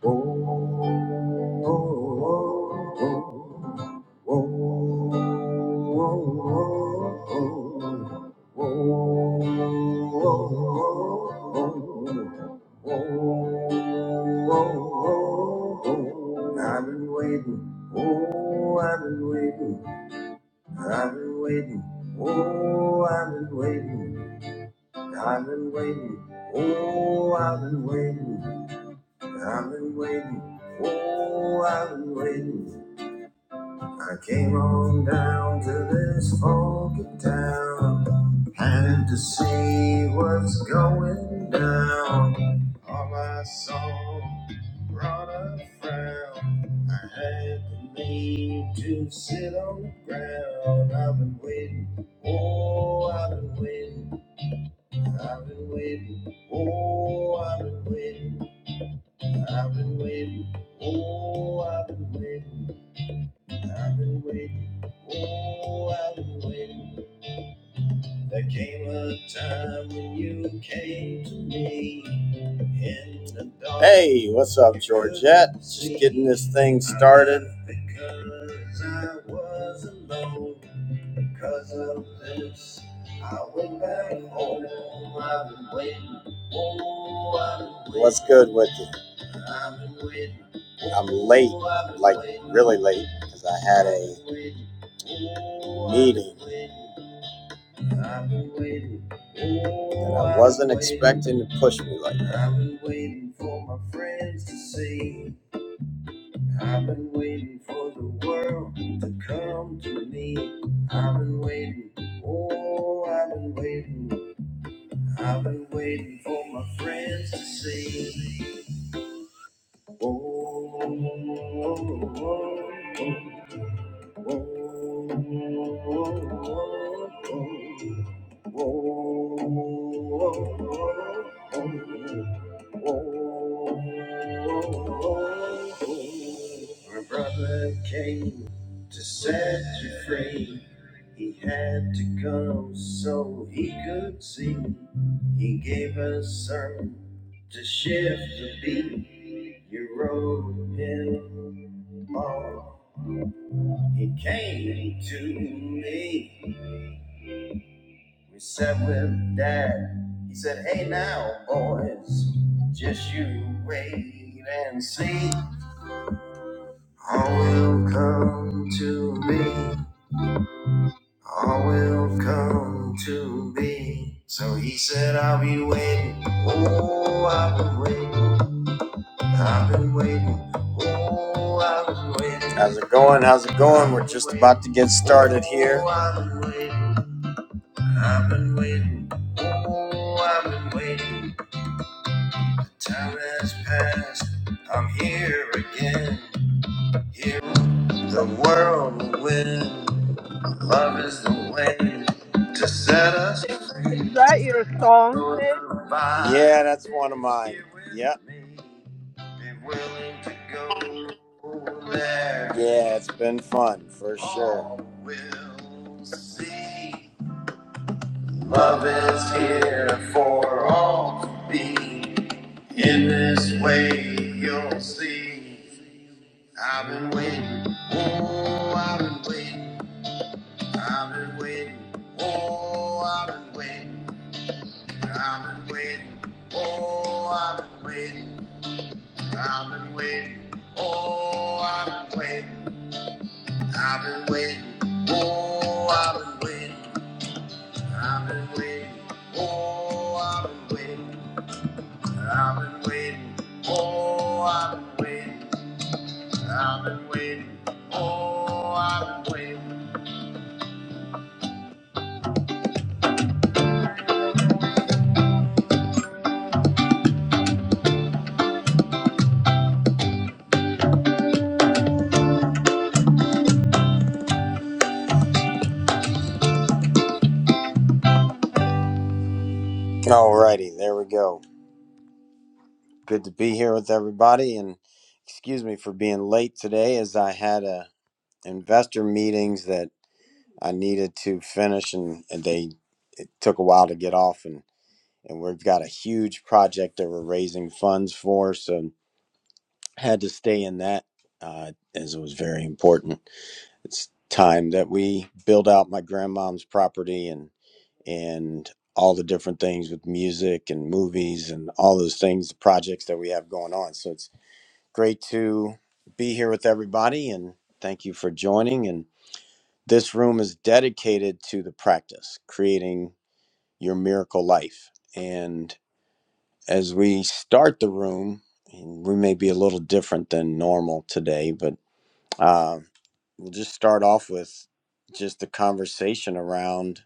I've been waiting. Oh, I've been waiting. I've been waiting. Oh, I've been waiting. I've been waiting. Oh, I've been waiting. I've been waiting. Oh, I've been waiting. I came on down to this funky town. Had to see what's going down. All I saw brought a frown. I had to leave to sit on the ground. I've been waiting. Oh, I've been waiting. I've been waiting. Oh, I've been waiting. I've been waiting. Oh, I've been waiting. I've been waiting. Oh, I've been waiting. There came a time when you came to me in the dark. Hey, what's up, Georgette? Just getting this thing started. Because I was alone. Cause of this, I went back home. I've been waiting. Oh, I've been waiting. What's good with you? I've been waiting. I'm late, like really late, because I had a meeting that I wasn't expecting to push me like that. I've been waiting for my friends to see. I've been waiting for the world to come to me. I've been waiting, oh, I've been waiting. I've been waiting for my friends to see. Oh, oh, oh, oh, oh. oh, oh. My brother came to set you free. He had to come so he could see. He gave us some to shift the beat. You wrote him off he came to me. We sat with Dad. He said, Hey now, boys, just you wait and see. All will come to me. All will come to me. So he said, I'll be waiting. Oh, I've been waiting. I've been waiting. Oh, I've been waiting. How's it going? How's it going? We're just about to get started here. I've been waiting, oh, I've been waiting. Time has passed, I'm here again. Here, the world will win. Love is the way to set us Is free. that your song, Sid? Yeah, that's one of mine. Yep. Yeah, it's been fun for sure. All will see. Love is here for all to be. In this way, you'll see. I've been waiting. Oh, I've been waiting. I've been waiting. Oh, I've been waiting. I've been waiting. Oh, I've been waiting. I've been waiting. Oh, I've been waiting. I've been waiting. Oh, I've been waiting. I've been waiting. Oh, I've been waiting. I've been waiting, oh, I've been waiting, I've been waiting, oh, I've been waiting. Alrighty, there we go. Good to be here with everybody, and excuse me for being late today, as I had a investor meetings that I needed to finish, and, and they it took a while to get off, and and we've got a huge project that we're raising funds for, so had to stay in that uh, as it was very important. it's time that we build out my grandmom's property and and all the different things with music and movies and all those things the projects that we have going on so it's great to be here with everybody and thank you for joining and this room is dedicated to the practice creating your miracle life and as we start the room and we may be a little different than normal today but uh, we'll just start off with just the conversation around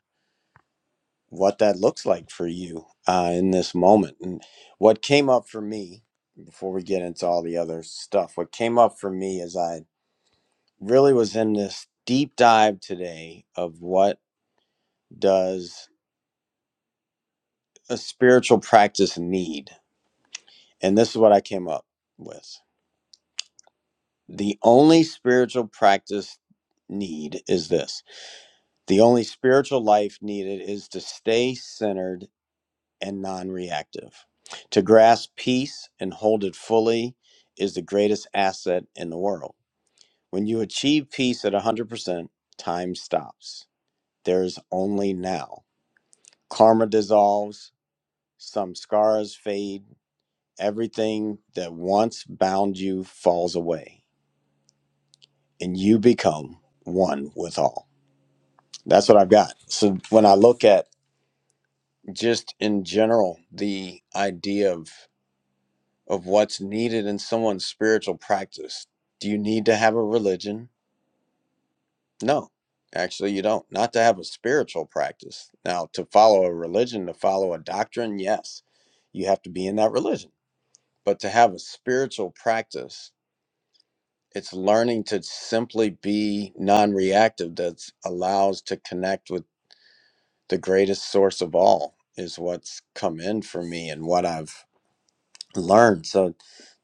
what that looks like for you uh, in this moment. And what came up for me, before we get into all the other stuff, what came up for me is I really was in this deep dive today of what does a spiritual practice need? And this is what I came up with. The only spiritual practice need is this. The only spiritual life needed is to stay centered and non reactive. To grasp peace and hold it fully is the greatest asset in the world. When you achieve peace at 100%, time stops. There is only now. Karma dissolves, some scars fade, everything that once bound you falls away, and you become one with all. That's what I've got. So when I look at just in general the idea of of what's needed in someone's spiritual practice. Do you need to have a religion? No, actually, you don't. Not to have a spiritual practice. Now, to follow a religion, to follow a doctrine, yes, you have to be in that religion. But to have a spiritual practice, it's learning to simply be non reactive that allows to connect with the greatest source of all, is what's come in for me and what I've learned. So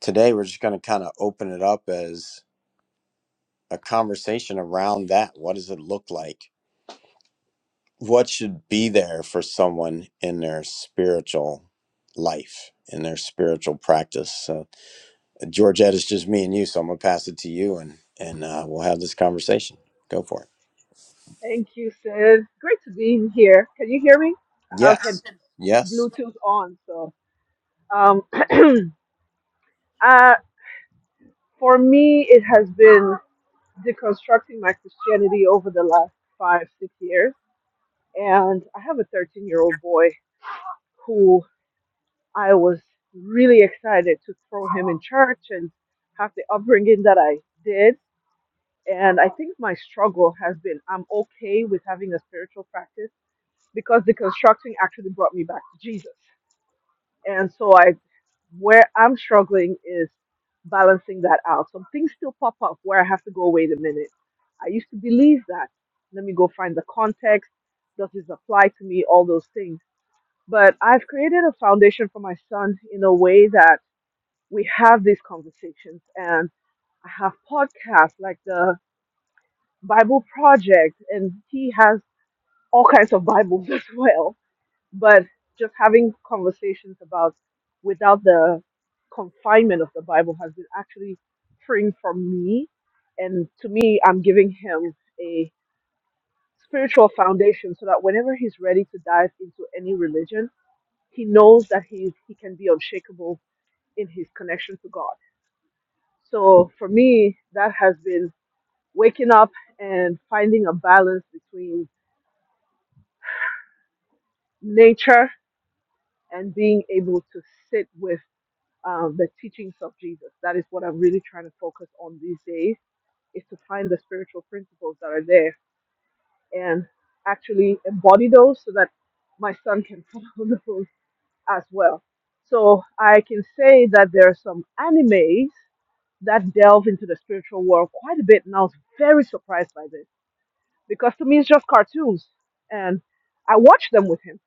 today we're just going to kind of open it up as. a conversation around that. What does it look like? What should be there for someone in their spiritual life, in their spiritual practice? So, Georgette, it's just me and you, so I'm gonna pass it to you, and and uh, we'll have this conversation. Go for it. Thank you, Sid. Great to be in here. Can you hear me? I have had Yes, yes, Bluetooth on, so um, uh, for me, it has been deconstructing my Christianity over the last five, six years, and I have a 13-year-old boy who I was really excited to throw him in church and have the upbringing that I did. And I think my struggle has been I'm okay with having a spiritual practice because the constructing actually brought me back to Jesus. And so I where I'm struggling is balancing that out. Some things still pop up where I have to go, wait a minute. I used to believe that. Let me go find the context. Does this apply to me? All those things. But I've created a foundation for my son in a way that we have these conversations and I have podcasts like the Bible Project and he has all kinds of Bibles as well but just having conversations about without the confinement of the Bible has been actually freeing from me. And to me, I'm giving him a spiritual foundation so that whenever he's ready to dive into any religion, he knows that he, he can be unshakable in his connection to God. So for me, that has been waking up and finding a balance between nature and being able to sit with um, the teachings of Jesus. That is what I'm really trying to focus on these days is to find the spiritual principles that are there and actually embody those so that my son can follow those as well. So I can say that there are some animes that delve into the spiritual world quite a bit, and I was very surprised by this because to me it's just cartoons, and I watched them with him.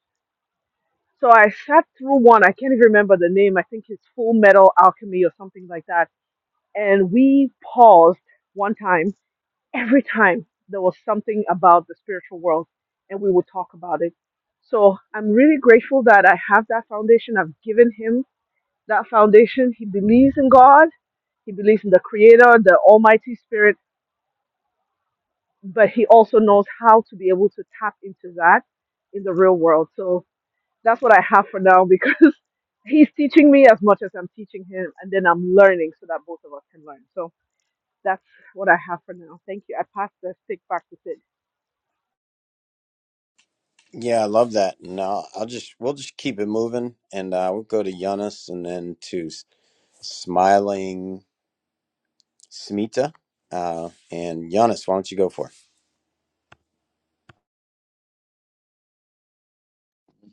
So I sat through one. I can't even remember the name. I think it's Full Metal Alchemy or something like that and we paused one time every time there was something about the spiritual world and we would talk about it so i'm really grateful that i have that foundation i've given him that foundation he believes in god he believes in the creator the almighty spirit but he also knows how to be able to tap into that in the real world so that's what i have for now because he's teaching me as much as i'm teaching him and then i'm learning so that both of us can learn so That's what I have for now. Thank you. I pass the stick back to Sid. yeah, I love that. And I'll, I'll just we'll just keep it moving, and uh, we'll go to Giannis, and then to S- Smiling Smita, uh, and Giannis, why don't you go for it?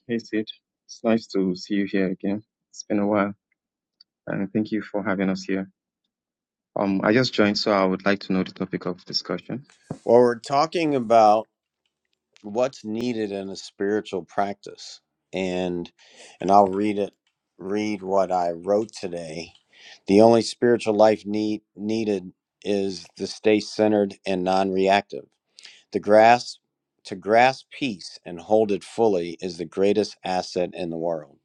Hey, Sid. It's nice to see you here again. It's been a while, and thank you for having us here. Um, I just joined, so I would like to know the topic of discussion. Well, we're talking about. what's needed in a spiritual practice and and i'll read it read what i wrote today the only spiritual life need needed is to stay centered and non-reactive the grasp to grasp peace and hold it fully is the greatest asset in the world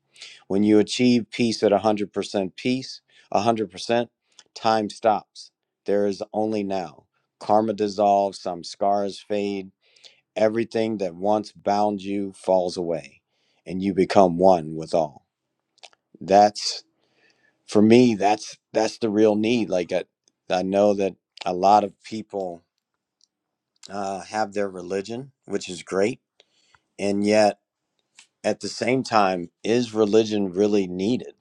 when you achieve peace at 100% peace 100% time stops there is only now karma dissolves some scars fade everything that once bound you falls away and you become one with all that's for me that's that's the real need like i, I know that a lot of people uh, have their religion which is great and yet at the same time is religion really needed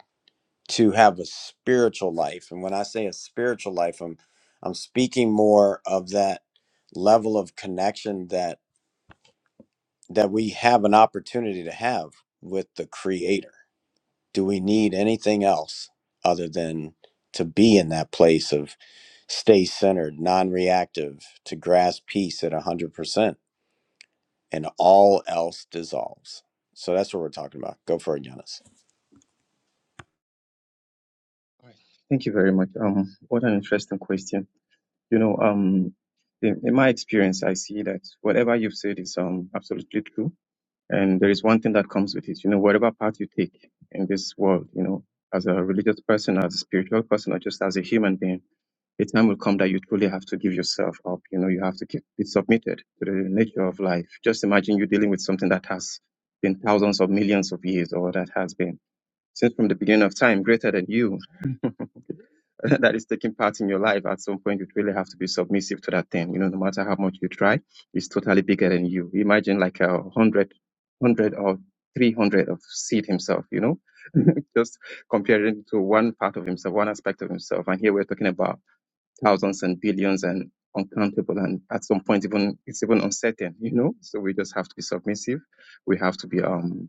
to have a spiritual life and when i say a spiritual life i'm i'm speaking more of that level of connection that that we have an opportunity to have with the creator do we need anything else other than to be in that place of stay centered, non reactive, to grasp peace at 100%, and all else dissolves? So that's what we're talking about. Go for it, Giannis. All right. Thank you very much. Um, what an interesting question. You know, um, in, in my experience, I see that whatever you've said is um absolutely true. And there is one thing that comes with it. You know, whatever path you take in this world, you know, as a religious person, as a spiritual person, or just as a human being, a time will come that you truly have to give yourself up. You know, you have to keep it submitted to the nature of life. Just imagine you dealing with something that has been thousands of millions of years or that has been since from the beginning of time greater than you that is taking part in your life. At some point, you really have to be submissive to that thing. You know, no matter how much you try, it's totally bigger than you. Imagine like a hundred, hundred or 300 of seed himself, you know, just comparing to one part of himself, one aspect of himself. And here we're talking about thousands and billions and uncountable and at some point even it's even uncertain you know so we just have to be submissive we have to be um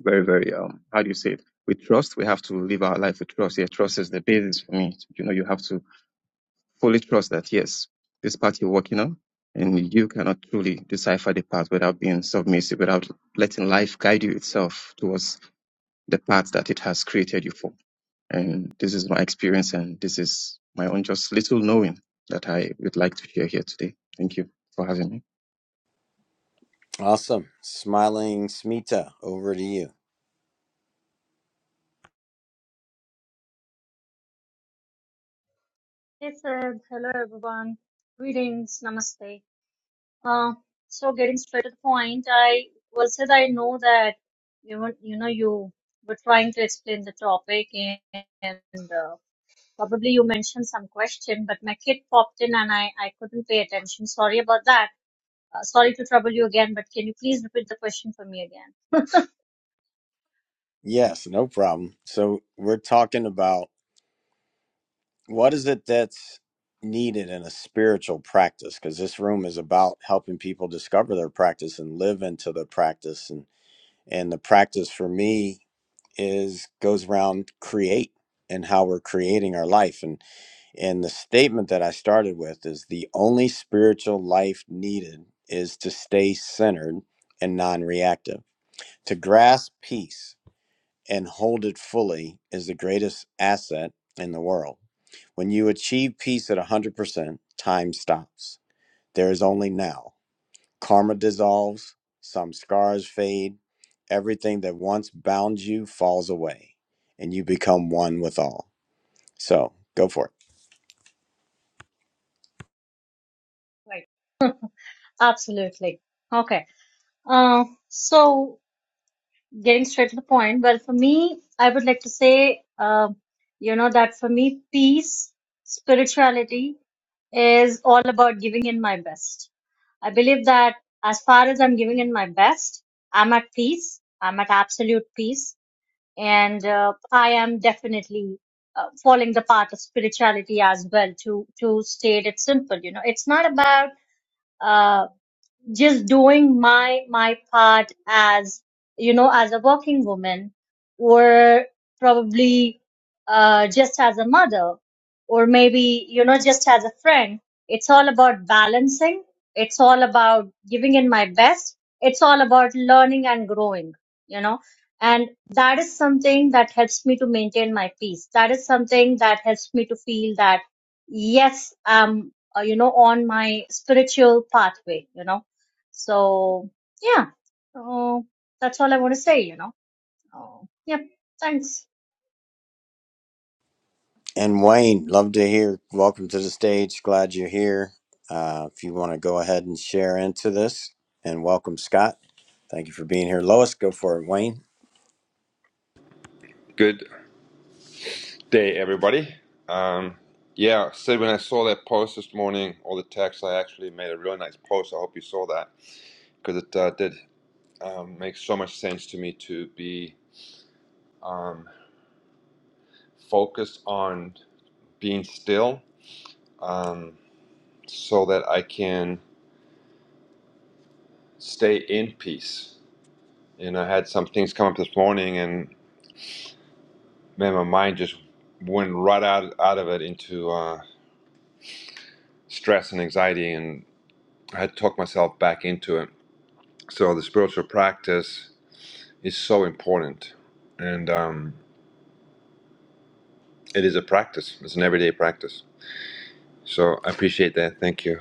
very very um how do you say it we trust we have to live our life with trust yeah trust is the basis for me you know you have to fully trust that yes this path you're working on and you cannot truly decipher the path without being submissive without letting life guide you itself towards the path that it has created you for and this is my experience, and this is my own just little knowing that I would like to share here today. Thank you for having me. Awesome. Smiling Smita, over to you. Hey Sid, hello everyone. Greetings, namaste. Uh, so getting straight to the point, I well said I know that you were- you know you were trying to explain the topic and, and uh, probably you mentioned some question, but my kid popped in and I I couldn't pay attention. Sorry about that. Uh, sorry to trouble you again, but can you please repeat the question for me again? Yes, no problem. So we're talking about what is it that's needed in a spiritual practice? Because this room is about helping people discover their practice and live into the practice. and. and the practice for me is goes around create and how we're creating our life and and the statement that I started with is the only spiritual life needed is to stay centered and non-reactive to grasp peace and hold it fully is the greatest asset in the world when you achieve peace at 100% time stops there is only now Karma dissolves, some scars fade, everything that once bound you falls away, and you become one with all. So go for it. Right. Absolutely. Okay. Uh, so. getting straight to the point. Well, for me, I would like to say, uh, you know, that for me, peace, spirituality is all about giving in my best. I believe that as far as I'm giving in my best, I'm at peace. I'm at absolute peace. And uh, I am definitely uh, following the path of spirituality as well to, to state it simple. You know, it's not about uh, just doing my my part as you know as a working woman or probably uh, just as a mother or maybe you know just as a friend it's all about balancing it's all about giving in my best it's all about learning and growing you know and that is something that helps me to maintain my peace that is something that helps me to feel that yes i'm uh, you know on my spiritual pathway you know so yeah, so that's all I want to say. You know. Uh, yep. Thanks. And Wayne, love to hear. Welcome to the stage. Glad you're here. Uh, if you want to go ahead and share into this, and welcome Scott. Thank you for being here, Lois. Go for it, Wayne. Good day, everybody. Um, yeah, Sid, when I saw that post this morning, all the text, I actually made a really nice post. I hope you saw that because it uh, did um, make so much sense to me to be um, focused on being still um, so that I can stay in peace. And I had some things come up this morning, and man, my mind just went right out, out of it into uh, stress and anxiety, and I had to talk myself back into it So the spiritual practice is so important, and um, it is a practice. It's an everyday practice. So I appreciate that. Thank you.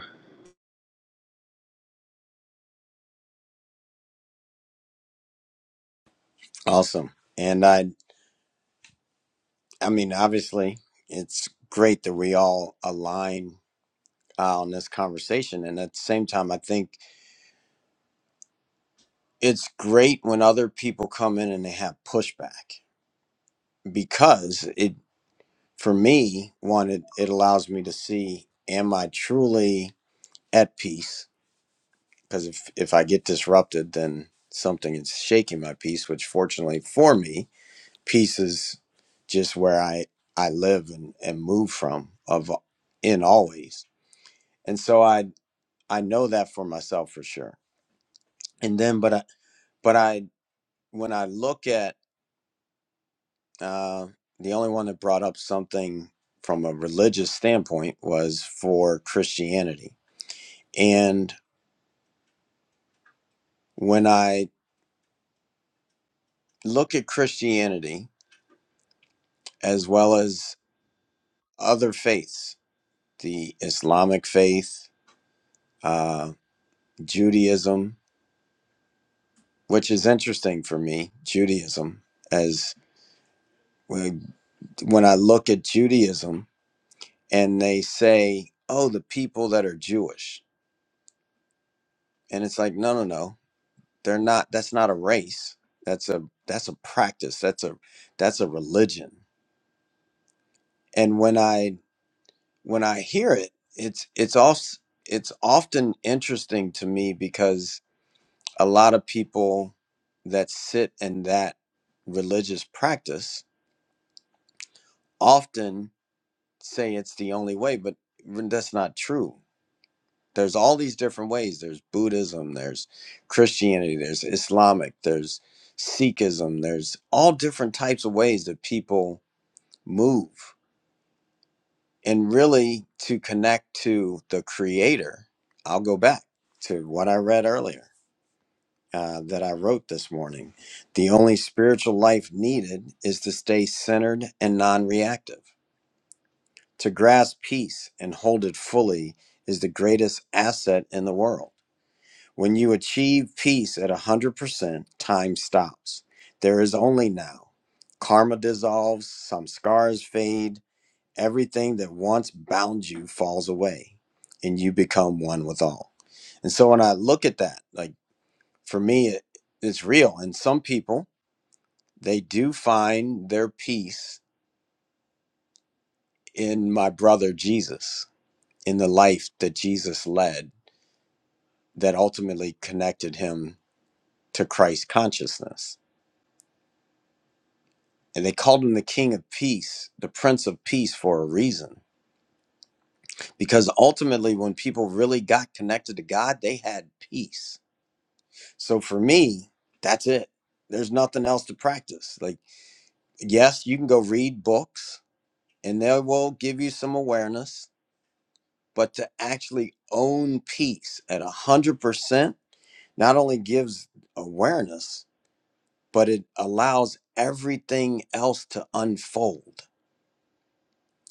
Awesome. And I, I mean, obviously, it's great that we all align uh, on this conversation. And at the same time, I think it's great when other people come in and they have pushback because it for me one it, it allows me to see am i truly at peace because if if i get disrupted then something is shaking my peace which fortunately for me peace is just where i i live and and move from of in always and so i i know that for myself for sure and then but i but i when i look at Uh, the only one that brought up something from a religious standpoint was for Christianity. And when I look at Christianity as well as other faiths, the Islamic faith, uh, Judaism, which is interesting for me, Judaism, as when when I look at Judaism and they say, oh, the people that are Jewish. And it's like, no, no, no. They're not that's not a race. That's a that's a practice. That's a that's a religion. And when I when I hear it, it's it's also it's often interesting to me because a lot of people that sit in that religious practice often say it's the only way, but that's not true there's all these different ways there's buddhism there's christianity there's islamic there's sikhism there's all different types of ways that people move and really to connect to the creator i'll go back to what i read earlier uh, that i wrote this morning the only spiritual life needed is to stay centered and non-reactive to grasp peace and hold it fully is the greatest asset in the world When you achieve peace at 100%, time stops. There is only now. Karma dissolves, some scars fade, everything that once bound you falls away, and you become one with all. And so when I look at that, like for me, it, it's real. And some people, they do find their peace in my brother Jesus, in the life that Jesus led that ultimately connected him to Christ consciousness And they called him the King of Peace, the Prince of Peace for a reason. Because ultimately, when people really got connected to God, they had peace. So for me, that's it. There's nothing else to practice. Like, yes, you can go read books and they will give you some awareness, but to actually own peace at 100% not only gives awareness, but it allows everything else to unfold.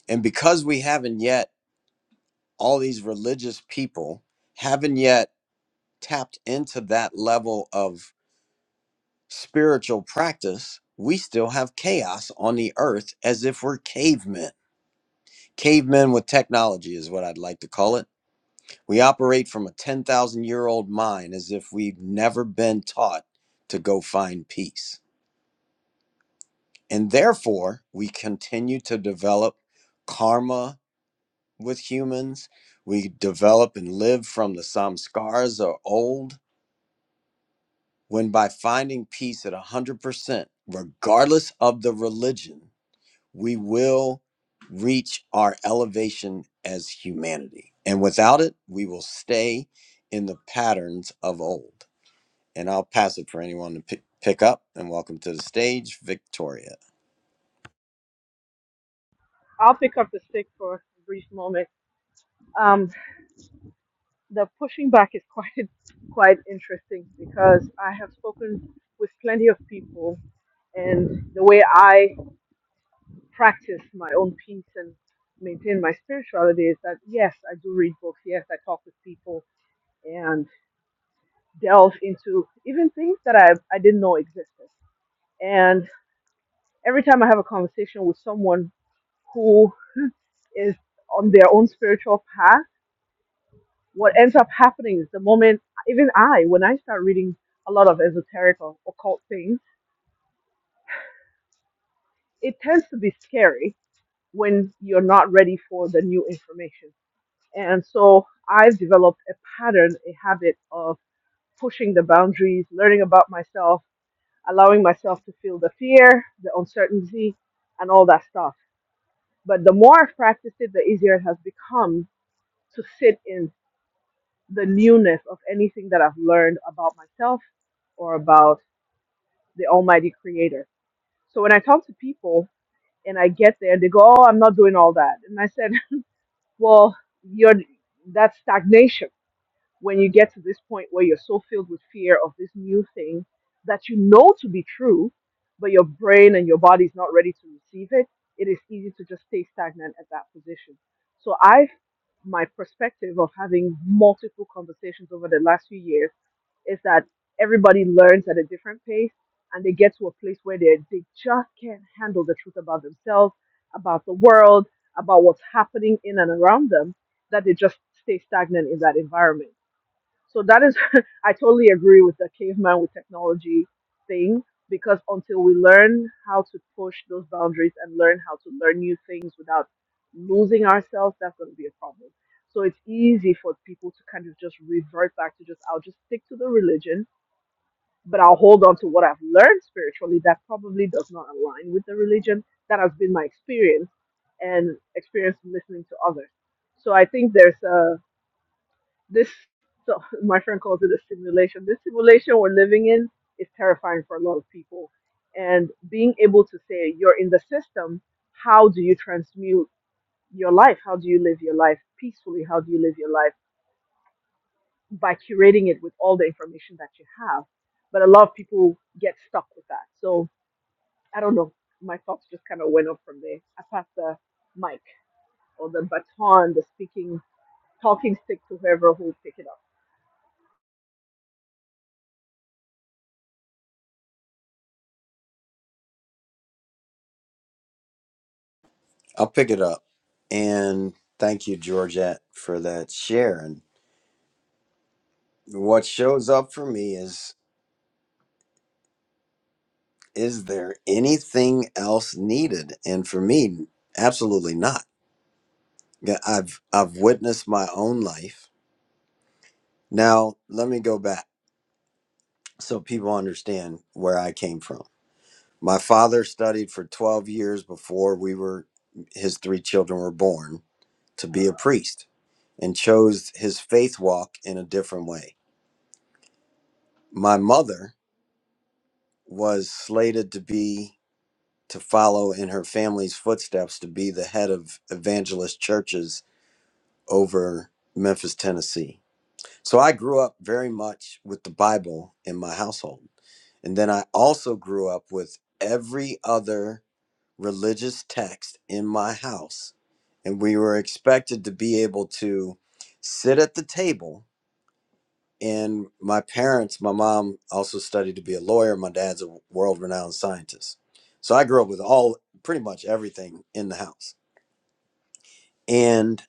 And because we haven't yet, all these religious people haven't yet tapped into that level of spiritual practice, we still have chaos on the earth as if we're cavemen. Cavemen with technology is what I'd like to call it. We operate from a 10,000 year old mind as if we've never been taught to go find peace. And therefore, we continue to develop karma with humans. We develop and live from the samskaras of old when by finding peace at 100%, regardless of the religion, we will reach our elevation as humanity. And without it, we will stay in the patterns of old. And I'll pass it for anyone to pick, pick up. And welcome to the stage, Victoria. I'll pick up the stick for a brief moment. Um, the pushing back is quite quite interesting because I have spoken with plenty of people, and the way I practice my own peace and maintain my spirituality is that yes, I do read books. Yes, I talk with people and delve into even things that I I didn't know existed. And every time I have a conversation with someone who is on their own spiritual path, what ends up happening is the moment, even I, when I start reading a lot of esoteric or occult things, it tends to be scary when you're not ready for the new information. And so I've developed a pattern, a habit of pushing the boundaries, learning about myself, allowing myself to feel the fear, the uncertainty, and all that stuff. But the more I've practiced it, the easier it has become to sit in the newness of anything that I've learned about myself or about the Almighty Creator. So when I talk to people and I get there, they go, "Oh, I'm not doing all that," and I said, "Well, you're that's stagnation. When you get to this point where you're so filled with fear of this new thing that you know to be true, but your brain and your body is not ready to receive it, it is easy to just stay stagnant at that position." So I, my perspective of having multiple conversations over the last few years is that everybody learns at a different pace and they get to a place where they, they just can't handle the truth about themselves, about the world, about what's happening in and around them, that they just stay stagnant in that environment. So that is, I totally agree with the caveman with technology thing because until we learn how to push those boundaries and learn how to learn new things without losing ourselves, that's going to be a problem. So it's easy for people to kind of just revert back to just, I'll just stick to the religion, but I'll hold on to what I've learned spiritually that probably does not align with the religion. That has been my experience and experience listening to others. So I think there's a, this so my friend calls it a simulation. This simulation we're living in is terrifying for a lot of people. And being able to say you're in the system, how do you transmute your life? How do you live your life peacefully? How do you live your life by curating it with all the information that you have? But a lot of people get stuck with that. So I don't know. My thoughts just kind of went up from there. I passed the mic or the baton, the speaking, talking stick to whoever who will pick it up. I'll pick it up. And thank you, Georgette, for that share. And what shows up for me is is there anything else needed? And for me, absolutely not Yeah, I've I've witnessed my own life. Now, let me go back so people understand where I came from. My father studied for 12 years before we were his three children were born to be a priest and chose his faith walk in a different way. My mother was slated to be to follow in her family's footsteps to be the head of evangelist churches over Memphis, Tennessee So I grew up very much with the Bible in my household. And then I also grew up with every other religious text in my house. And we were expected to be able to sit at the table. And my parents, my mom also studied to be a lawyer. My dad's a world renowned scientist. So I grew up with all pretty much everything in the house. And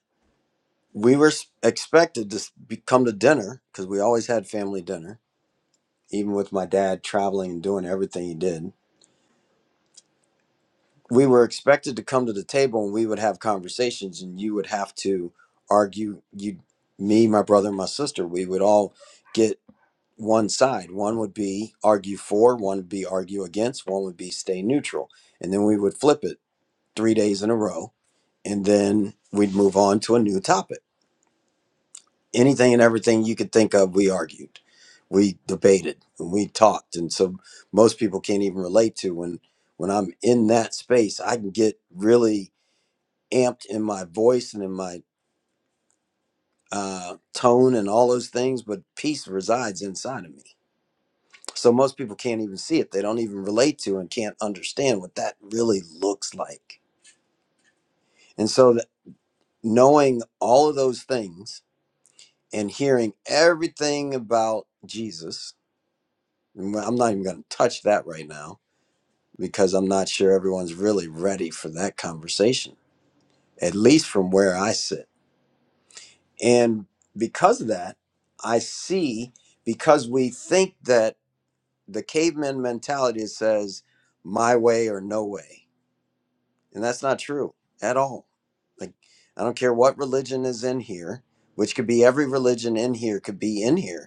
we were s- expected to s- be- come to dinner because we always had family dinner even with my dad traveling and doing everything he did, we were expected to come to the table and we would have conversations and you would have to argue you me, my brother, and my sister, we would all get one side. One would be argue for, one would be argue against, one would be stay neutral. And then we would flip it three days in a row and then we'd move on to a new topic anything and everything you could think of, we argued, we debated, and we talked. And so most people can't even relate to when when I'm in that space, I can get really amped in my voice and in my uh, tone and all those things, but peace resides inside of me. So most people can't even see it. They don't even relate to and can't understand what that really looks like. And so that knowing all of those things and hearing everything about Jesus I'm not even going to touch that right now because I'm not sure everyone's really ready for that conversation, at least from where I sit. And because of that, I see because we think that the caveman mentality says my way or no way. And that's not true at all. Like, I don't care what religion is in here, which could be every religion in here, could be in here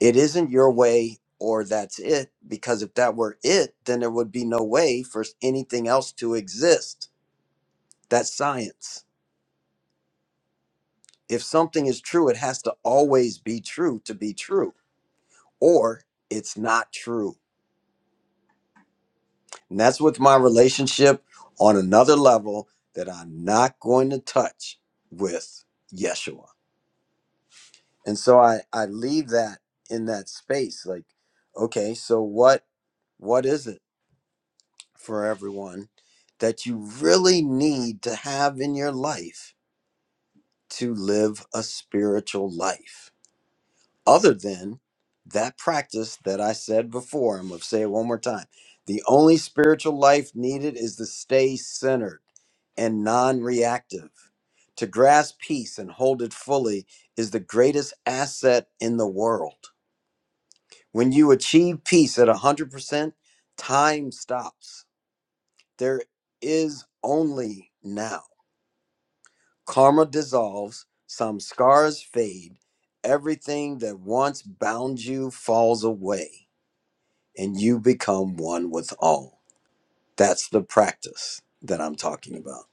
it isn't your way or that's it because if that were it then there would be no way for anything else to exist that's science if something is true it has to always be true to be true or it's not true and that's with my relationship on another level that i'm not going to touch with yeshua and so i i leave that in that space like okay so what what is it for everyone that you really need to have in your life to live a spiritual life, other than that practice that I said before. I'm going to say it one more time. The only spiritual life needed is to stay centered and non reactive. To grasp peace and hold it fully is the greatest asset in the world. When you achieve peace at 100%, time stops There is only now. Karma dissolves, some scars fade, everything that once bound you falls away, and you become one with all. That's the practice that I'm talking about.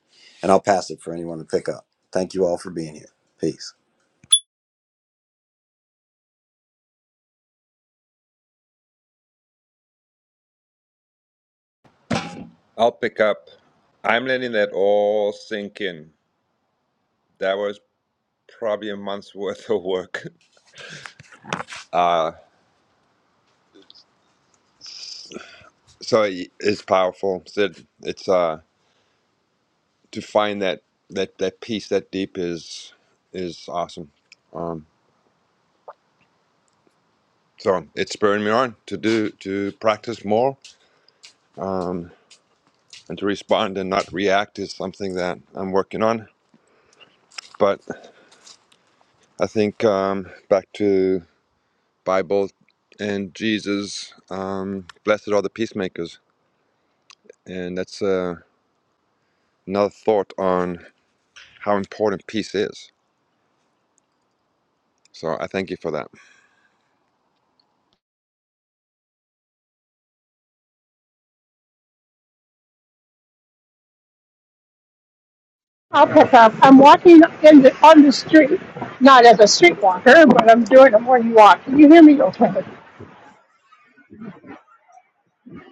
And I'll pass it for anyone to pick up. Thank you all for being here. Peace. I'll pick up. I'm letting that all sink in. That was probably a month's worth of work. Uh, so it- it's powerful. Sid, it's uh, to find that that that peace that deep is is awesome. Um, so it's spurring me on to do to practice more. Um. and to respond and not react is something that I'm working on. But I think um, back to Bible and Jesus, um, blessed are the peacemakers, and that's uh, another thought on how important peace is. So I thank you for that. I'll pick up. I'm walking in the, on the street, not as a street walker, but I'm doing a morning walk. Can you hear me okay?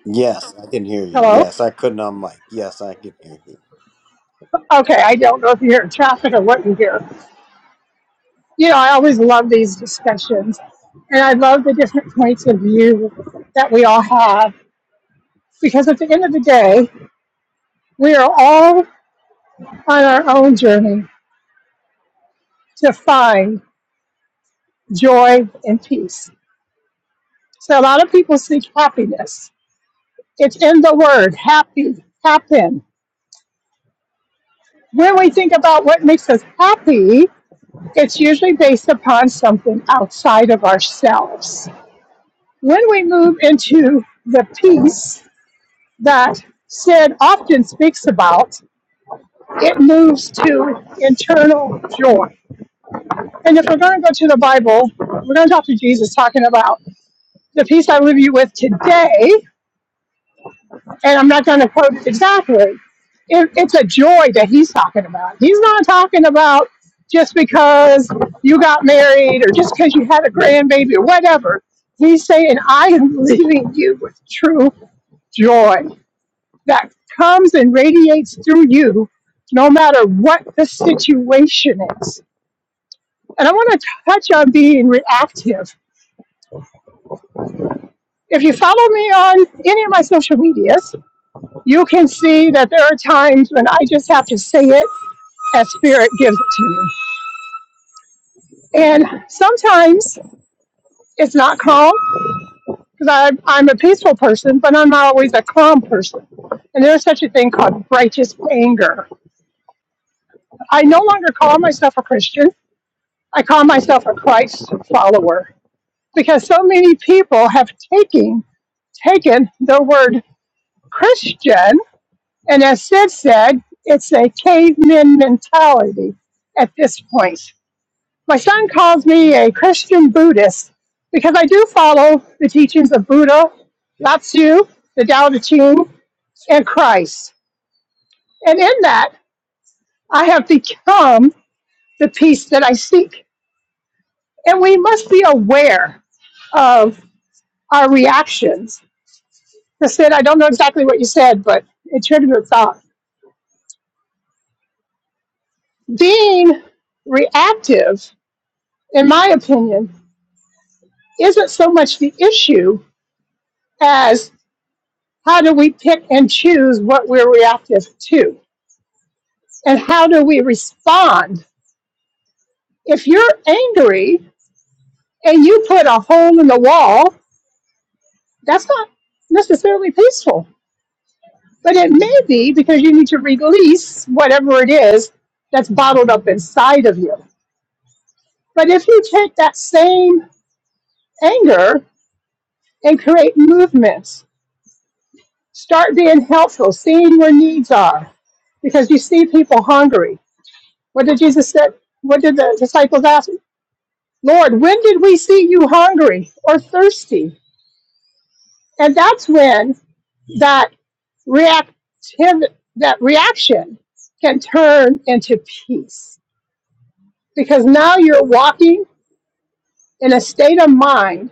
Yes, I can hear you. Hello? Yes, I couldn't on mic. Yes, I can hear you. Okay, I don't know if you hear traffic or what you hear. You know, I always love these discussions, and I love the different points of view that we all have because at the end of the day, we are all on our own journey to find joy and peace. So a lot of people seek happiness. It's in the word happy, happen. When we think about what makes us happy, it's usually based upon something outside of ourselves. When we move into the peace that Sid often speaks about, it moves to internal joy. And if we're going to go to the Bible, we're going to talk to Jesus talking about the peace I leave you with today and I'm not going to quote it exactly. It, it's a joy that he's talking about. He's not talking about just because you got married or just because you had a grandbaby or whatever. He's saying, I am leaving you with true joy that comes and radiates through you no matter what the situation is. And I want to touch on being reactive. If you follow me on any of my social medias, you can see that there are times when I just have to say it as spirit gives it to me. And sometimes it's not calm because I'm a peaceful person, but I'm not always a calm person. And there's such a thing called righteous anger. I no longer call myself a Christian. I call myself a Christ follower because so many people have taken taken the word Christian, and as Sid said, it's a caveman mentality at this point. My son calls me a Christian Buddhist because I do follow the teachings of Buddha, Lao-Tzu, the Tao Te Ching, and Christ. And in that, I have become the peace that I seek. And we must be aware of our reactions. Instead, I don't know exactly what you said, but it triggered a thought. Being reactive, in my opinion, isn't so much the issue as How do we pick and choose what we're reactive to? And how do we respond? If you're angry and you put a hole in the wall, that's not necessarily peaceful, but it may be because you need to release whatever it is that's bottled up inside of you. But if you take that same anger and create movements, start being helpful, seeing where needs are, because you see people hungry. What did Jesus say? What did the disciples ask? Lord, when did we see you hungry or thirsty? And that's when that react that reaction can turn into peace because now you're walking in a state of mind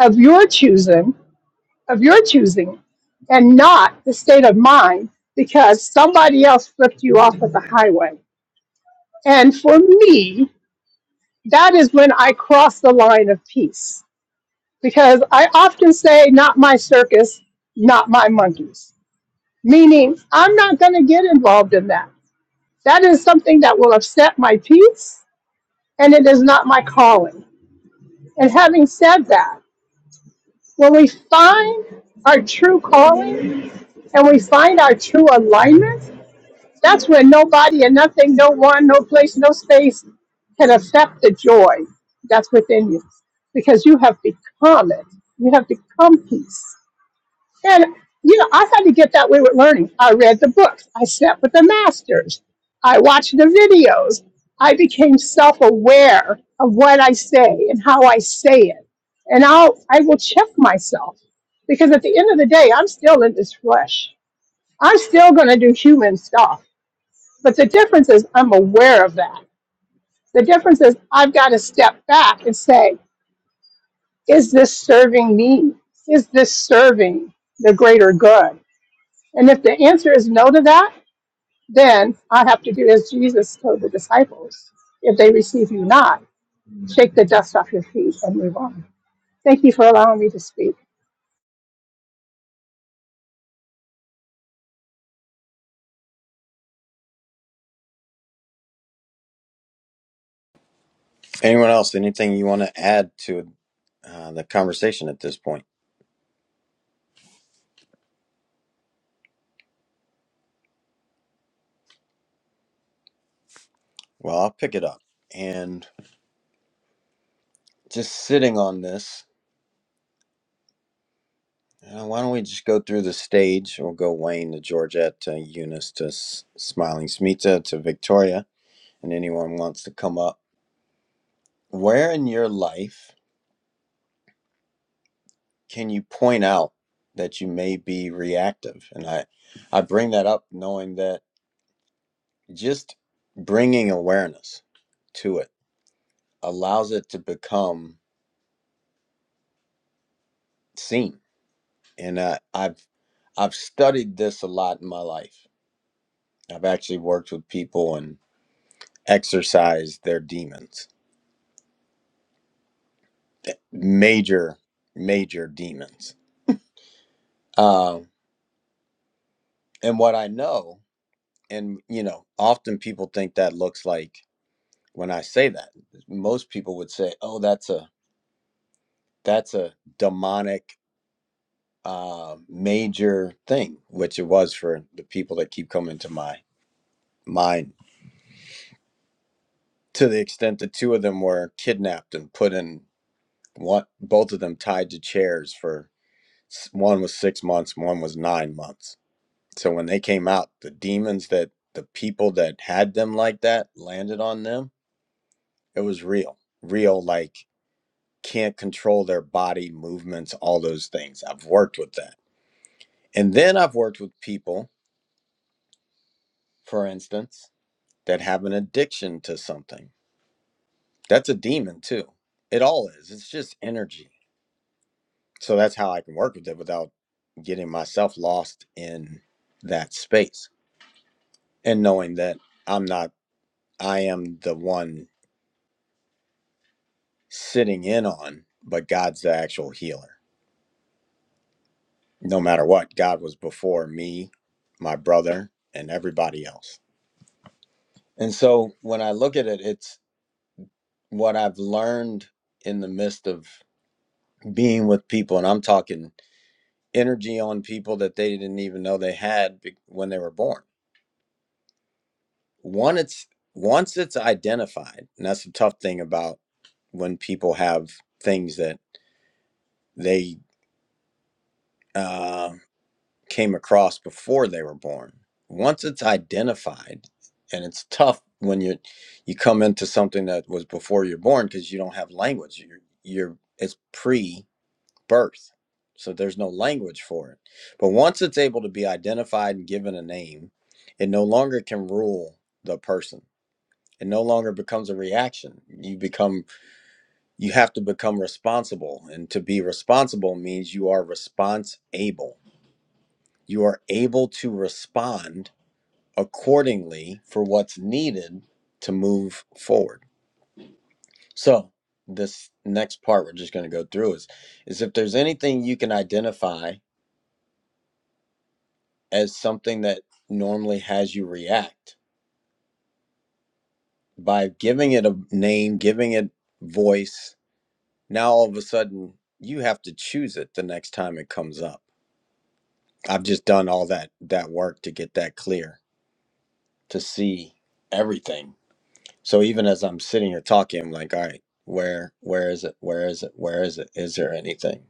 of your choosing of your choosing and not the state of mind because somebody else flipped you off at the highway and for me that is when i cross the line of peace because I often say, not my circus, not my monkeys, meaning I'm not going to get involved in that. That is something that will upset my peace, and it is not my calling. And having said that, when we find our true calling and we find our true alignment, that's when nobody and nothing, no one, no place, no space can affect the joy that's within you because you have become it. You have become peace. And, you know, I had to get that way with learning. I read the books. I sat with the masters. I watched the videos. I became self-aware of what I say and how I say it. And I'll, I will check myself because at the end of the day, I'm still in this flesh. I'm still going to do human stuff. But the difference is I'm aware of that. The difference is I've got to step back and say, is this serving me? Is this serving the greater good? And if the answer is no to that, then I have to do as Jesus told the disciples. If they receive you not, shake the dust off your feet and move on. Thank you for allowing me to speak. Anyone else, anything you want to add to uh, the conversation at this point? Well, I'll pick it up. And just sitting on this. Uh, why don't we just go through the stage? We'll go Wayne to Georgette to Eunice to S- Smiling Smita to Victoria, and anyone wants to come up. Where in your life can you point out that you may be reactive? And I, I bring that up knowing that just bringing awareness to it allows it to become seen. And uh, I've, I've studied this a lot in my life. I've actually worked with people and exercise their demons, major, major demons. Um, and what I know, and you know, often people think that looks like when I say that, most people would say, "Oh, that's a that's a demonic uh, major thing," which it was for the people that keep coming to my mind. To the extent that two of them were kidnapped and put in one, both of them tied to chairs for s- one was six months, one was nine months So when they came out, the demons that the people that had them like that landed on them, it was real. Real, like can't control their body movements, all those things. I've worked with that. And then I've worked with people, for instance, that have an addiction to something. That's a demon too. It all is. It's just energy. So that's how I can work with it without getting myself lost in that space and knowing that I'm not, I am the one sitting in on, but God's the actual healer. No matter what, God was before me, my brother, and everybody else. And so when I look at it, it's what I've learned in the midst of being with people. And I'm talking energy on people that they didn't even know they had when they were born. One, it's once it's identified, and that's the tough thing about when people have things that they, uh, came across before they were born. Once it's identified, and it's tough when you you come into something that was before you're born because you don't have language. You're, you're it's pre-birth, so there's no language for it. But once it's able to be identified and given a name, it no longer can rule the person. It no longer becomes a reaction. You become you have to become responsible, and to be responsible means you are response able you are able to respond accordingly for what's needed to move forward. So, this next part we're just going to go through is is if there's anything you can identify as something that normally has you react by giving it a name, giving it voice, now all of a sudden you have to choose it the next time it comes up. I've just done all that that work to get that clear, to see everything So even as I'm sitting here talking, I'm like, all right, where where is it? Where is it? Where is it? Is there anything?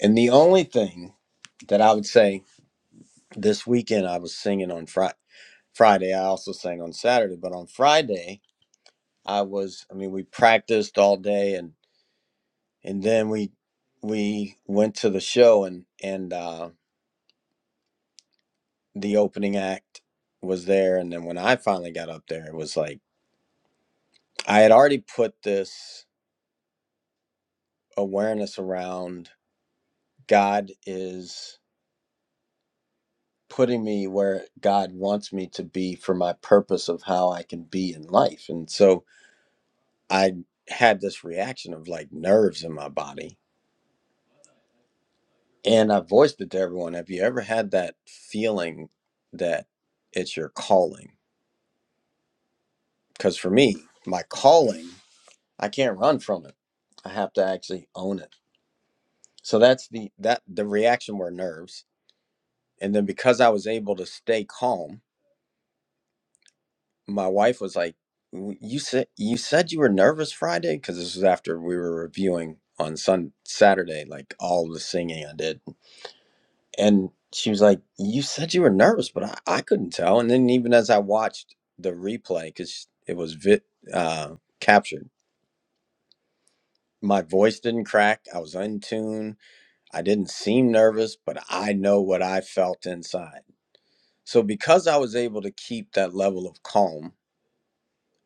And the only thing that I would say this weekend I was singing on Friday. Friday I also sang on Saturday, but on Friday I was I mean we practiced all day and and then we we went to the show and and uh the opening act was there and then when I finally got up there it was like I had already put this awareness around God is putting me where God wants me to be for my purpose of how I can be in life. And so I had this reaction of like nerves in my body. And I voiced it to everyone. Have you ever had that feeling that it's your calling? Because for me, my calling, I can't run from it. I have to actually own it. So that's the that the reaction were nerves. And then because I was able to stay calm my wife was like, "W- "You said you said you were nervous Friday because this was after we were reviewing on Sun Saturday, like all the singing I did." And she was like, "You said you were nervous, but I, I couldn't tell." And then even as I watched the replay, because it was vit uh, captured, my voice didn't crack. I was in tune. I didn't seem nervous, but I know what I felt inside. So because I was able to keep that level of calm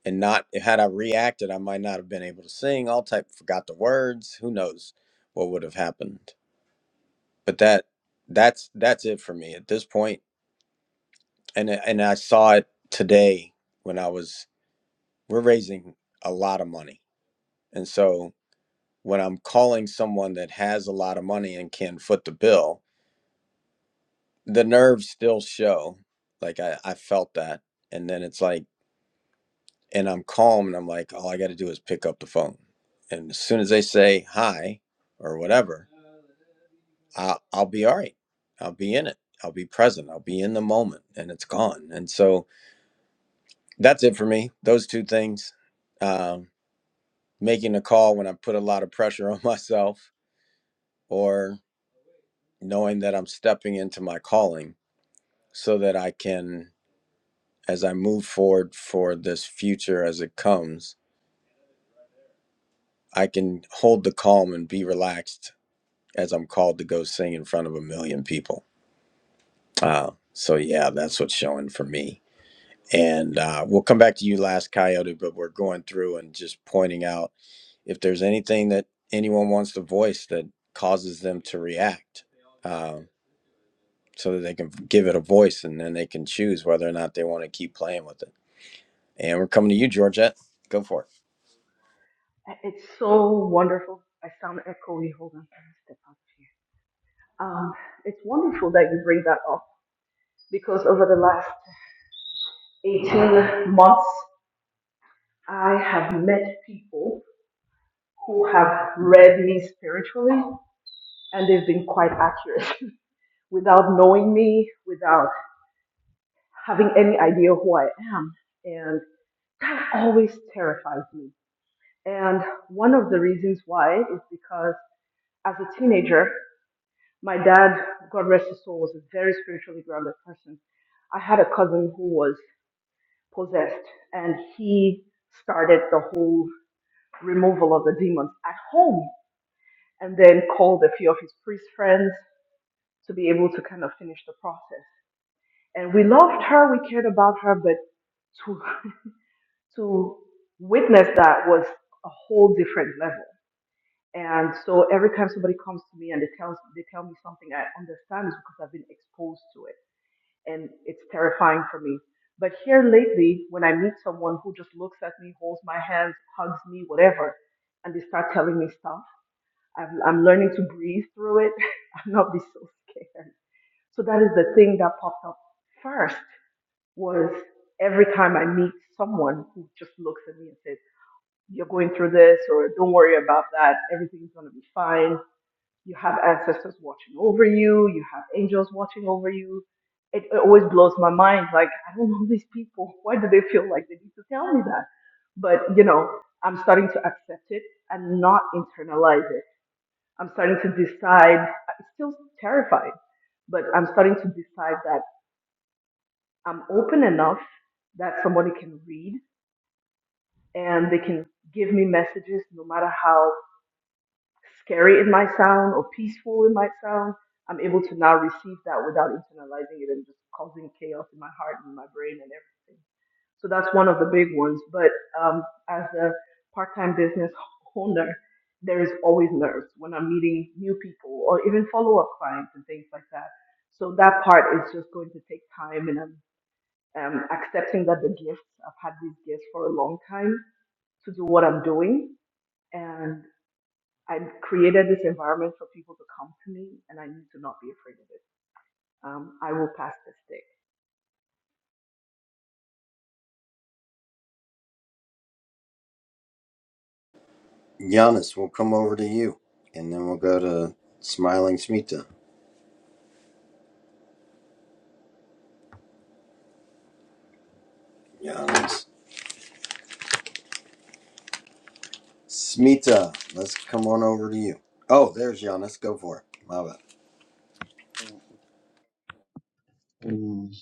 and not had I reacted, I might not have been able to sing. All type forgot the words. Who knows what would have happened? But that that's that's it for me at this point. And I- and I saw it today when I was we're raising a lot of money, and so when I'm calling someone that has a lot of money and can foot the bill, the nerves still show. Like I, I felt that, and then it's like and I'm calm and I'm like, all I got to do is pick up the phone. And as soon as they say hi or whatever, I'll, I'll be all right. I'll be in it. I'll be present. I'll be in the moment and it's gone. And so that's it for me. Those two things um, making a call when I put a lot of pressure on myself or knowing that I'm stepping into my calling so that I can, as I move forward for this future as it comes, I can hold the calm and be relaxed as I'm called to go sing in front of a million people. Uh, so yeah, that's what's showing for me. And uh, we'll come back to you last, Coyote, but we're going through and just pointing out if there's anything that anyone wants to voice that causes them to react uh, so that they can give it a voice and then they can choose whether or not they want to keep playing with it. And we're coming to you, Georgette. Go for it. It's so wonderful. I sound echoey. Hold on, let me step out of here. Um, it's wonderful that you bring that up because over the last 18 months, I have met people who have read me spiritually and they've been quite accurate without knowing me, without having any idea who I am. And that always terrifies me. And one of the reasons why is because as a teenager, My dad, God rest his soul, was a very spiritually grounded person. I had a cousin who was possessed, and he started the whole removal of the demons at home and then called a few of his priest friends to be able to kind of finish the process. And we loved her, we cared about her, but to to witness that was a whole different level. And so every time somebody comes to me and they tells they tell me something I understand is because I've been exposed to it. and it's terrifying for me. But here lately, when I meet someone who just looks at me, holds my hands, hugs me, whatever, and they start telling me stuff, I'm, I'm learning to breathe through it. I'm not be so scared. So that is the thing that popped up first was every time I meet someone who just looks at me and says, you're going through this or don't worry about that. Everything's going to be fine. You have ancestors watching over you. You have angels watching over you. It, it always blows my mind. Like, I don't know these people. Why do they feel like they need to tell me that? But, you know, I'm starting to accept it and not internalize it. I'm starting to decide, I'm still terrified, but I'm starting to decide that I'm open enough that somebody can read and they can give me messages no matter how scary it might sound or peaceful it might sound, I'm able to now receive that without internalizing it and just causing chaos in my heart and my brain and everything. So that's one of the big ones. But um, as a part-time business owner, there is always nerves when I'm meeting new people or even follow-up clients and things like that. So that part is just going to take time, and I'm um, accepting that the gifts I've had these gifts for a long time to do what I'm doing, and. I created this environment for people to come to me, and I need to not be afraid of it. Um, I will pass this day. You. And then we'll go to Smiling Smith. Smita, let's come on over to you. Oh, there's Giannis. Go for it. My bad. Mm,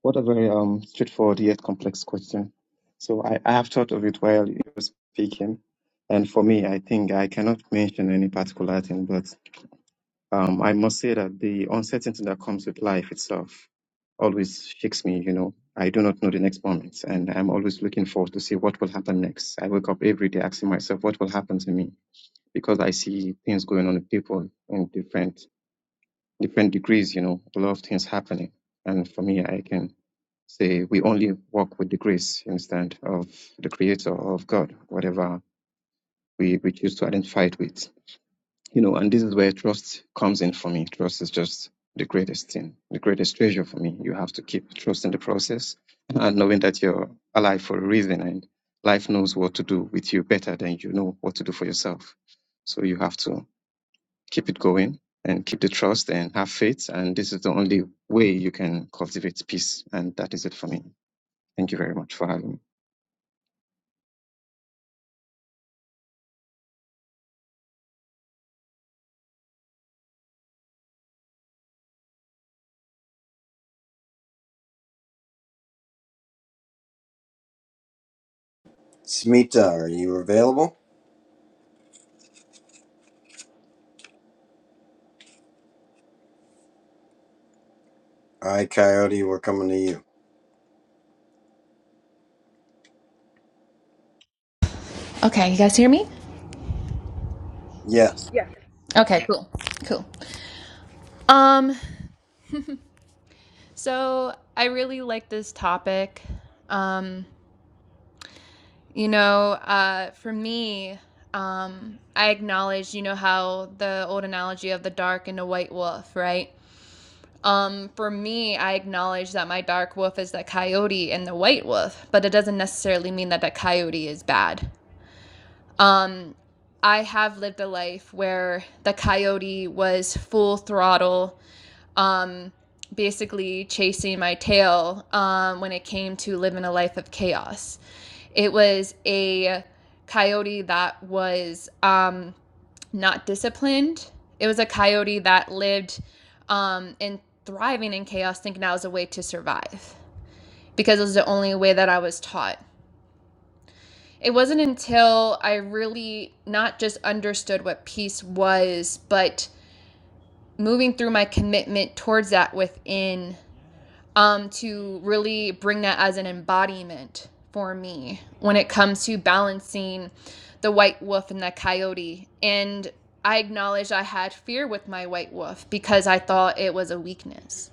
what a very um, straightforward yet complex question. So I, I have thought of it while you were speaking, and for me, I think I cannot mention any particular thing, but Um, I must say that the uncertainty that comes with life itself always shakes me, you know. I do not know the next moment, and I'm always looking forward to see what will happen next. I wake up every day asking myself what will happen to me because I see things going on with people in different different degrees, you know, a lot of things happening. And for me, I can say we only walk with the grace, you understand, of the Creator, of God, whatever we, we choose to identify it with. You know, and this is where trust comes in for me. Trust is just the greatest thing, the greatest treasure for me. You have to keep trusting the process and knowing that you're alive for a reason and life knows what to do with you better than you know what to do for yourself. So you have to keep it going and keep the trust and have faith. And this is the only way you can cultivate peace. And that is it for me. Thank you very much for having me. Smita, are you available? All right, Coyote, we're coming to you. Okay, you guys hear me? Yes. Yes. Okay, cool. Cool. Um so I really like this topic. Um you know, uh for me, um I acknowledge, you know how the old analogy of the dark and the white wolf, right? Um for me, I acknowledge that my dark wolf is the coyote and the white wolf, but it doesn't necessarily mean that the coyote is bad. Um I have lived a life where the coyote was full throttle um, basically chasing my tail um, when it came to living a life of chaos. It was a coyote that was um, not disciplined. It was a coyote that lived um, in thriving in chaos, thinking that was a way to survive because it was the only way that I was taught. It wasn't until I really not just understood what peace was, but moving through my commitment towards that within um, to really bring that as an embodiment for me when it comes to balancing the white wolf and the coyote. And I acknowledged I had fear with my white wolf because I thought it was a weakness.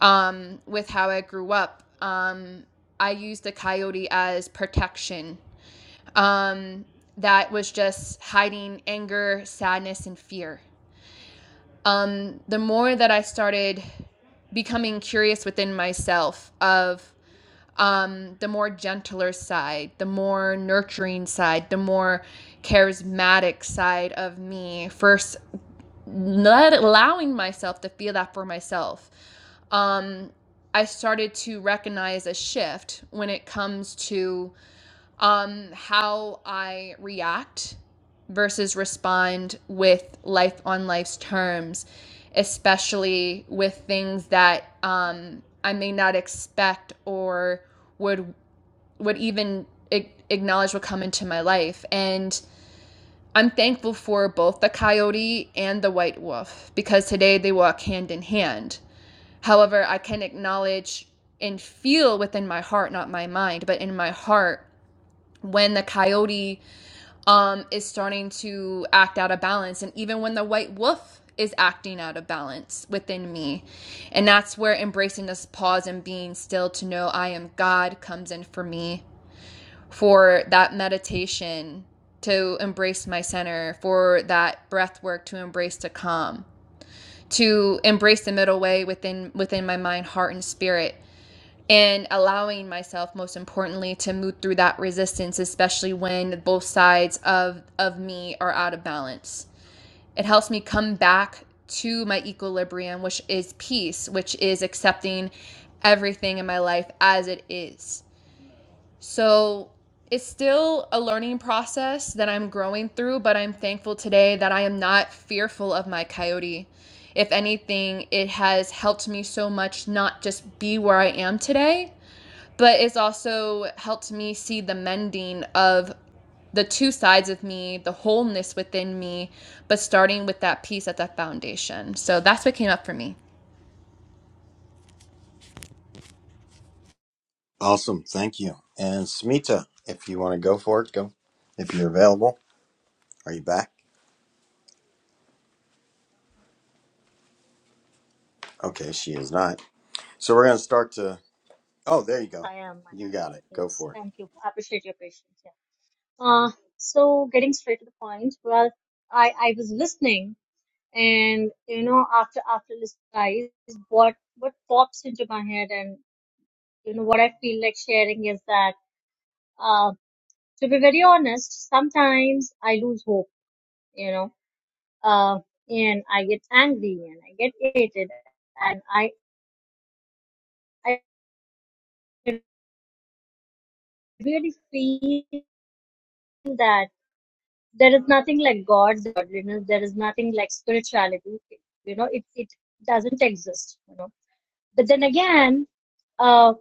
Um, with how I grew up, um, I used the coyote as protection. Um, that was just hiding anger, sadness, and fear. Um, the more that I started becoming curious within myself of um, the more gentler side, the more nurturing side, the more charismatic side of me. First, not allowing myself to feel that for myself. Um, I started to recognize a shift when it comes to um, how I react versus respond with life on life's terms, especially with things that um, I may not expect or would would even acknowledge would come into my life. And I'm thankful for both the coyote and the white wolf because today they walk hand in hand. However, I can acknowledge and feel within my heart, not my mind, but in my heart when the coyote um is starting to act out of balance and even when the white wolf is acting out of balance within me. And that's where embracing this pause and being still to know I am God comes in for me for that meditation to embrace my center, for that breath work to embrace to calm, to embrace the middle way within within my mind, heart, and spirit, and allowing myself, most importantly, to move through that resistance, especially when both sides of of me are out of balance. It helps me come back to my equilibrium, which is peace, which is accepting everything in my life as it is so it's still a learning process that I'm growing through, but I'm thankful today that I am not fearful of my coyote. If anything, it has helped me so much not just be where I am today, but it's also helped me see the mending of the two sides of me, the wholeness within me, but starting with that piece at that foundation. So that's what came up for me. Awesome. Thank you. And Smita, if you want to go for it, go. If you're available, are you back? Okay, she is not. So we're going to start to. Oh, there you go. I am. I You got am. it. Go Yes. for it. Thank you. I appreciate your patience. Yeah. Uh, so getting straight to the point. Well, I I was listening, and you know, after after listening, guys, what what pops into my head, and you know, what I feel like sharing is that, uh, to be very honest, sometimes I lose hope. You know. Uh, and I get angry and I get irritated and I I really feel that there is nothing like God's godliness. There is nothing like spirituality. You know, it, it doesn't exist. You know, but then again, uh,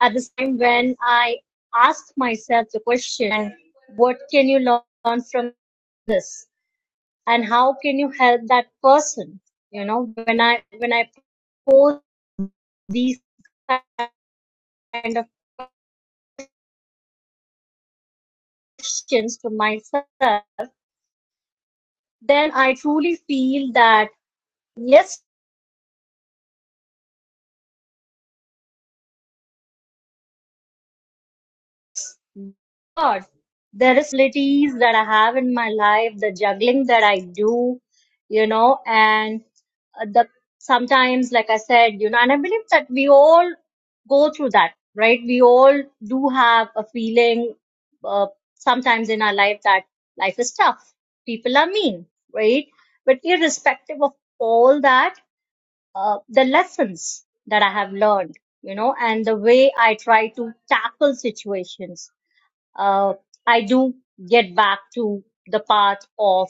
at the time when I ask myself the question, what can you learn from this, and how can you help that person? You know, when I when I pose these kind of questions to myself, then I truly feel that Yes, God. There is ladies that I have in my life, the juggling that I do, you know, and uh, the sometimes, like I said, you know, and I believe that we all go through that, right? We all do have a feeling uh, sometimes in our life that life is tough, people are mean, right? But irrespective of all that, uh, the lessons that I have learned, you know, and the way I try to tackle situations. Uh, I do get back to the path of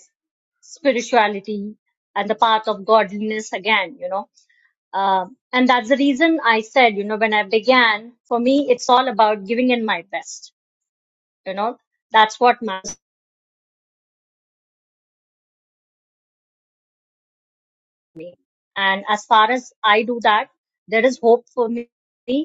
spirituality and the path of godliness again, you know. Um and that's the reason I said, you know, when I began, for me, it's all about giving in my best, you know, that's what matters. And as far as I do that, there is hope for me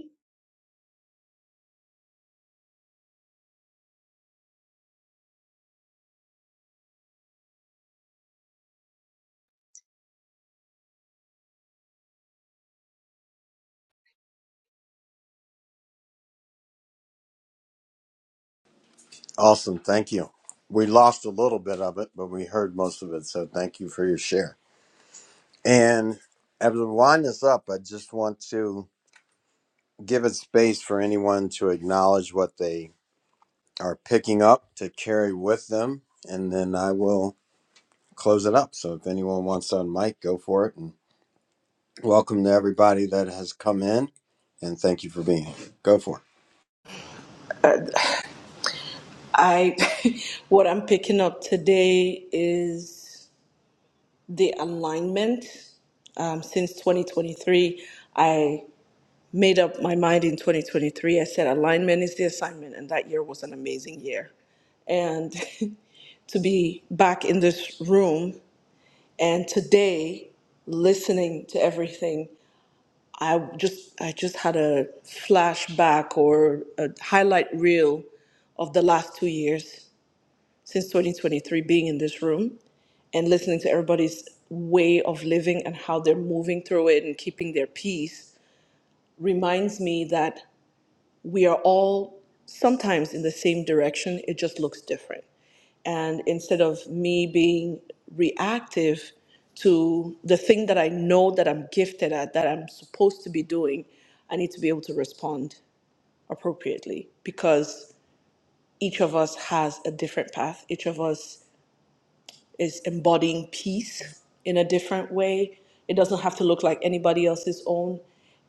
Awesome. Thank you. We lost a little bit of it, but we heard most of it. So thank you for your share. And as we wind this up, I just want to. give it space for anyone to acknowledge what they are picking up to carry with them, and then I will close it up. So if anyone wants on mic, go for it. And welcome to everybody that has come in, and thank you for being here. Go for it. Uh, I what I'm picking up today is the alignment. Um, since 2023, I made up my mind in 2023. I said alignment is the assignment, and that year was an amazing year. And to be back in this room and today listening to everything. I just I just had a flashback or a highlight reel of the last two years since 2023 being in this room and listening to everybody's way of living and how they're moving through it and keeping their peace reminds me that we are all sometimes in the same direction, it just looks different. And instead of me being reactive to the thing that I know that I'm gifted at, that I'm supposed to be doing, I need to be able to respond appropriately because each of us has a different path. Each of us is embodying peace in a different way. It doesn't have to look like anybody else's own.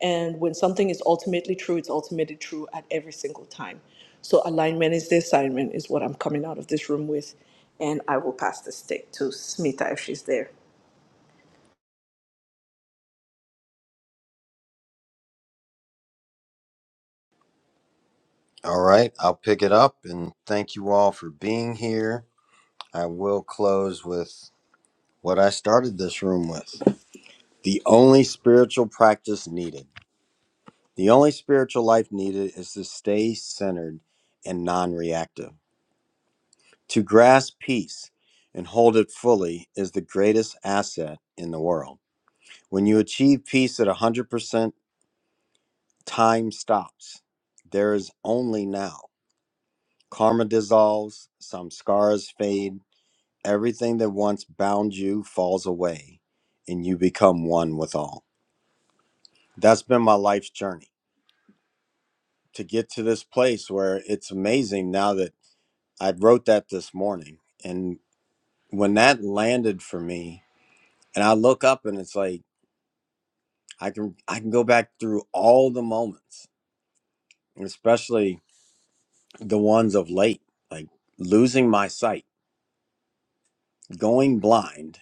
And when something is ultimately true, it's ultimately true at every single time. So alignment is the assignment, is what I'm coming out of this room with. And I will pass the stick to Smita if she's there. All right, I'll pick it up, and thank you all for being here. I will close with what I started this room with the only spiritual practice needed. The only spiritual life needed is to stay centered and non reactive. To grasp peace and hold it fully is the greatest asset in the world. When you achieve peace at 100%, time stops. There is only now. Karma dissolves, some scars fade, everything that once bound you falls away, and you become one with all. That's been my life's journey to get to this place where it's amazing now that I wrote that this morning. And when that landed for me, and I look up and it's like, I can I can go back through all the moments, especially the ones of late, like losing my sight, going blind,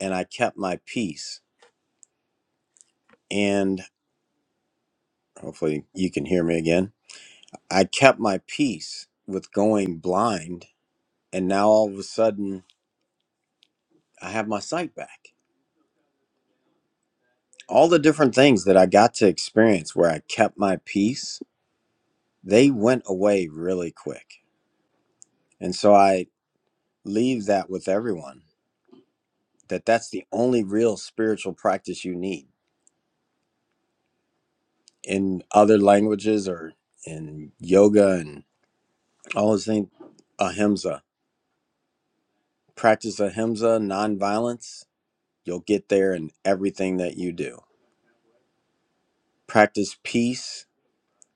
and I kept my peace. And hopefully you can hear me again. I kept my peace with going blind, and now all of a sudden I have my sight back. All the different things that I got to experience where I kept my peace, they went away really quick. And so I leave that with everyone that that's the only real spiritual practice you need in other languages or in yoga and all those things ahimsa practice ahimsa nonviolence you'll get there in everything that you do practice peace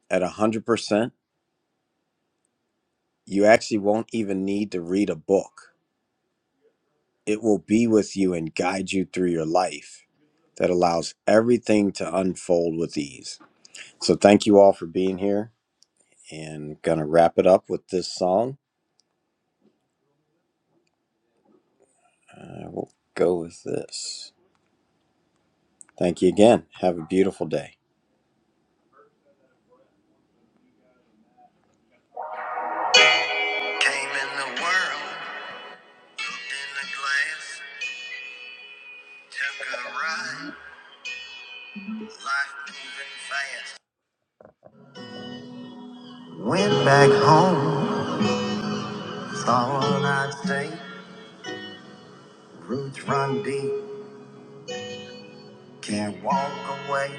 at 100% you actually won't even need to read a book it will be with you and guide you through your life that allows everything to unfold with ease so thank you all for being here and gonna wrap it up with this song I will go with this. Thank you again. Have a beautiful day. Came in the world, looked in the glass, took a ride, life moving fast. Went back home, thought I'd stay. Roots run deep, can't walk away.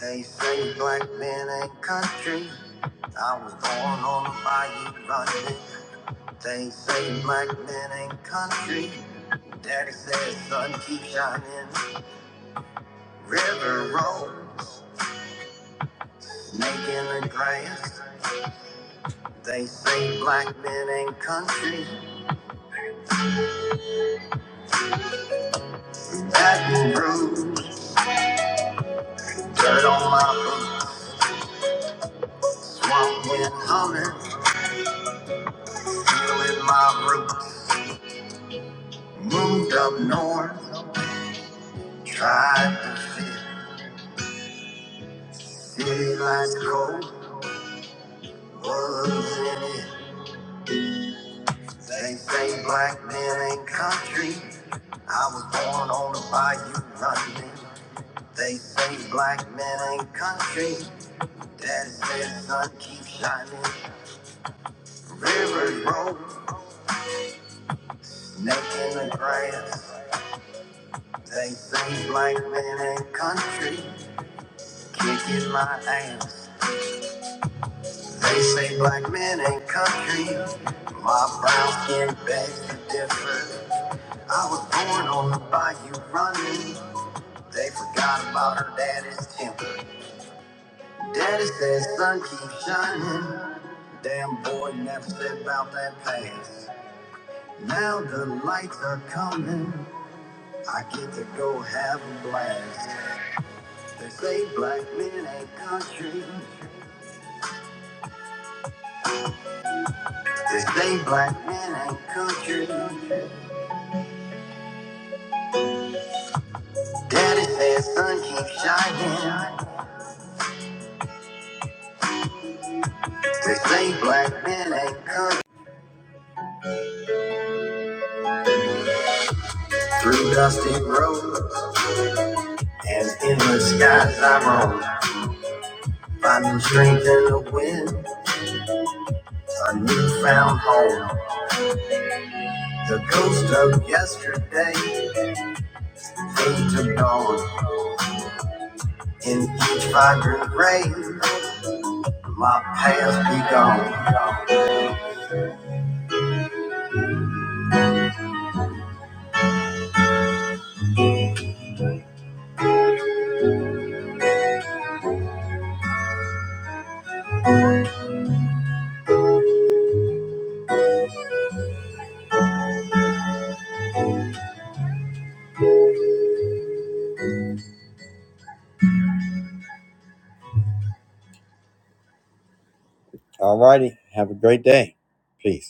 They say black men ain't country. I was born on a bayou running. They say black men ain't country. Daddy says, son, keep shining. River rolls, making the grass. They say black men ain't country. Baton Rouge, dirt on my boots. Swamp wind humming, feeling my roots. Moved up north, tried to fit. City lights cold, was in it. They say black men ain't country. I was born on the bayou running. They say black men ain't country. That said, sun keeps shining. Rivers roll, snake in the grass. They say black men ain't country, kicking my ass. They say black men ain't country. My brown skin begs to differ. I was born on the bayou running. They forgot about her daddy's temper. Daddy said, sun keeps shining. Damn boy never said about that past. Now the lights are coming. I get to go have a blast. They say black men ain't country. They say black men ain't country. Daddy said sun keep shining. They say black men ain't country. Through dusty roads and endless skies I roam. Finding strength in the wind, a newfound home. The ghost of yesterday fades to dawn. In each vibrant ray, my past be gone. All righty. Have a great day. Peace.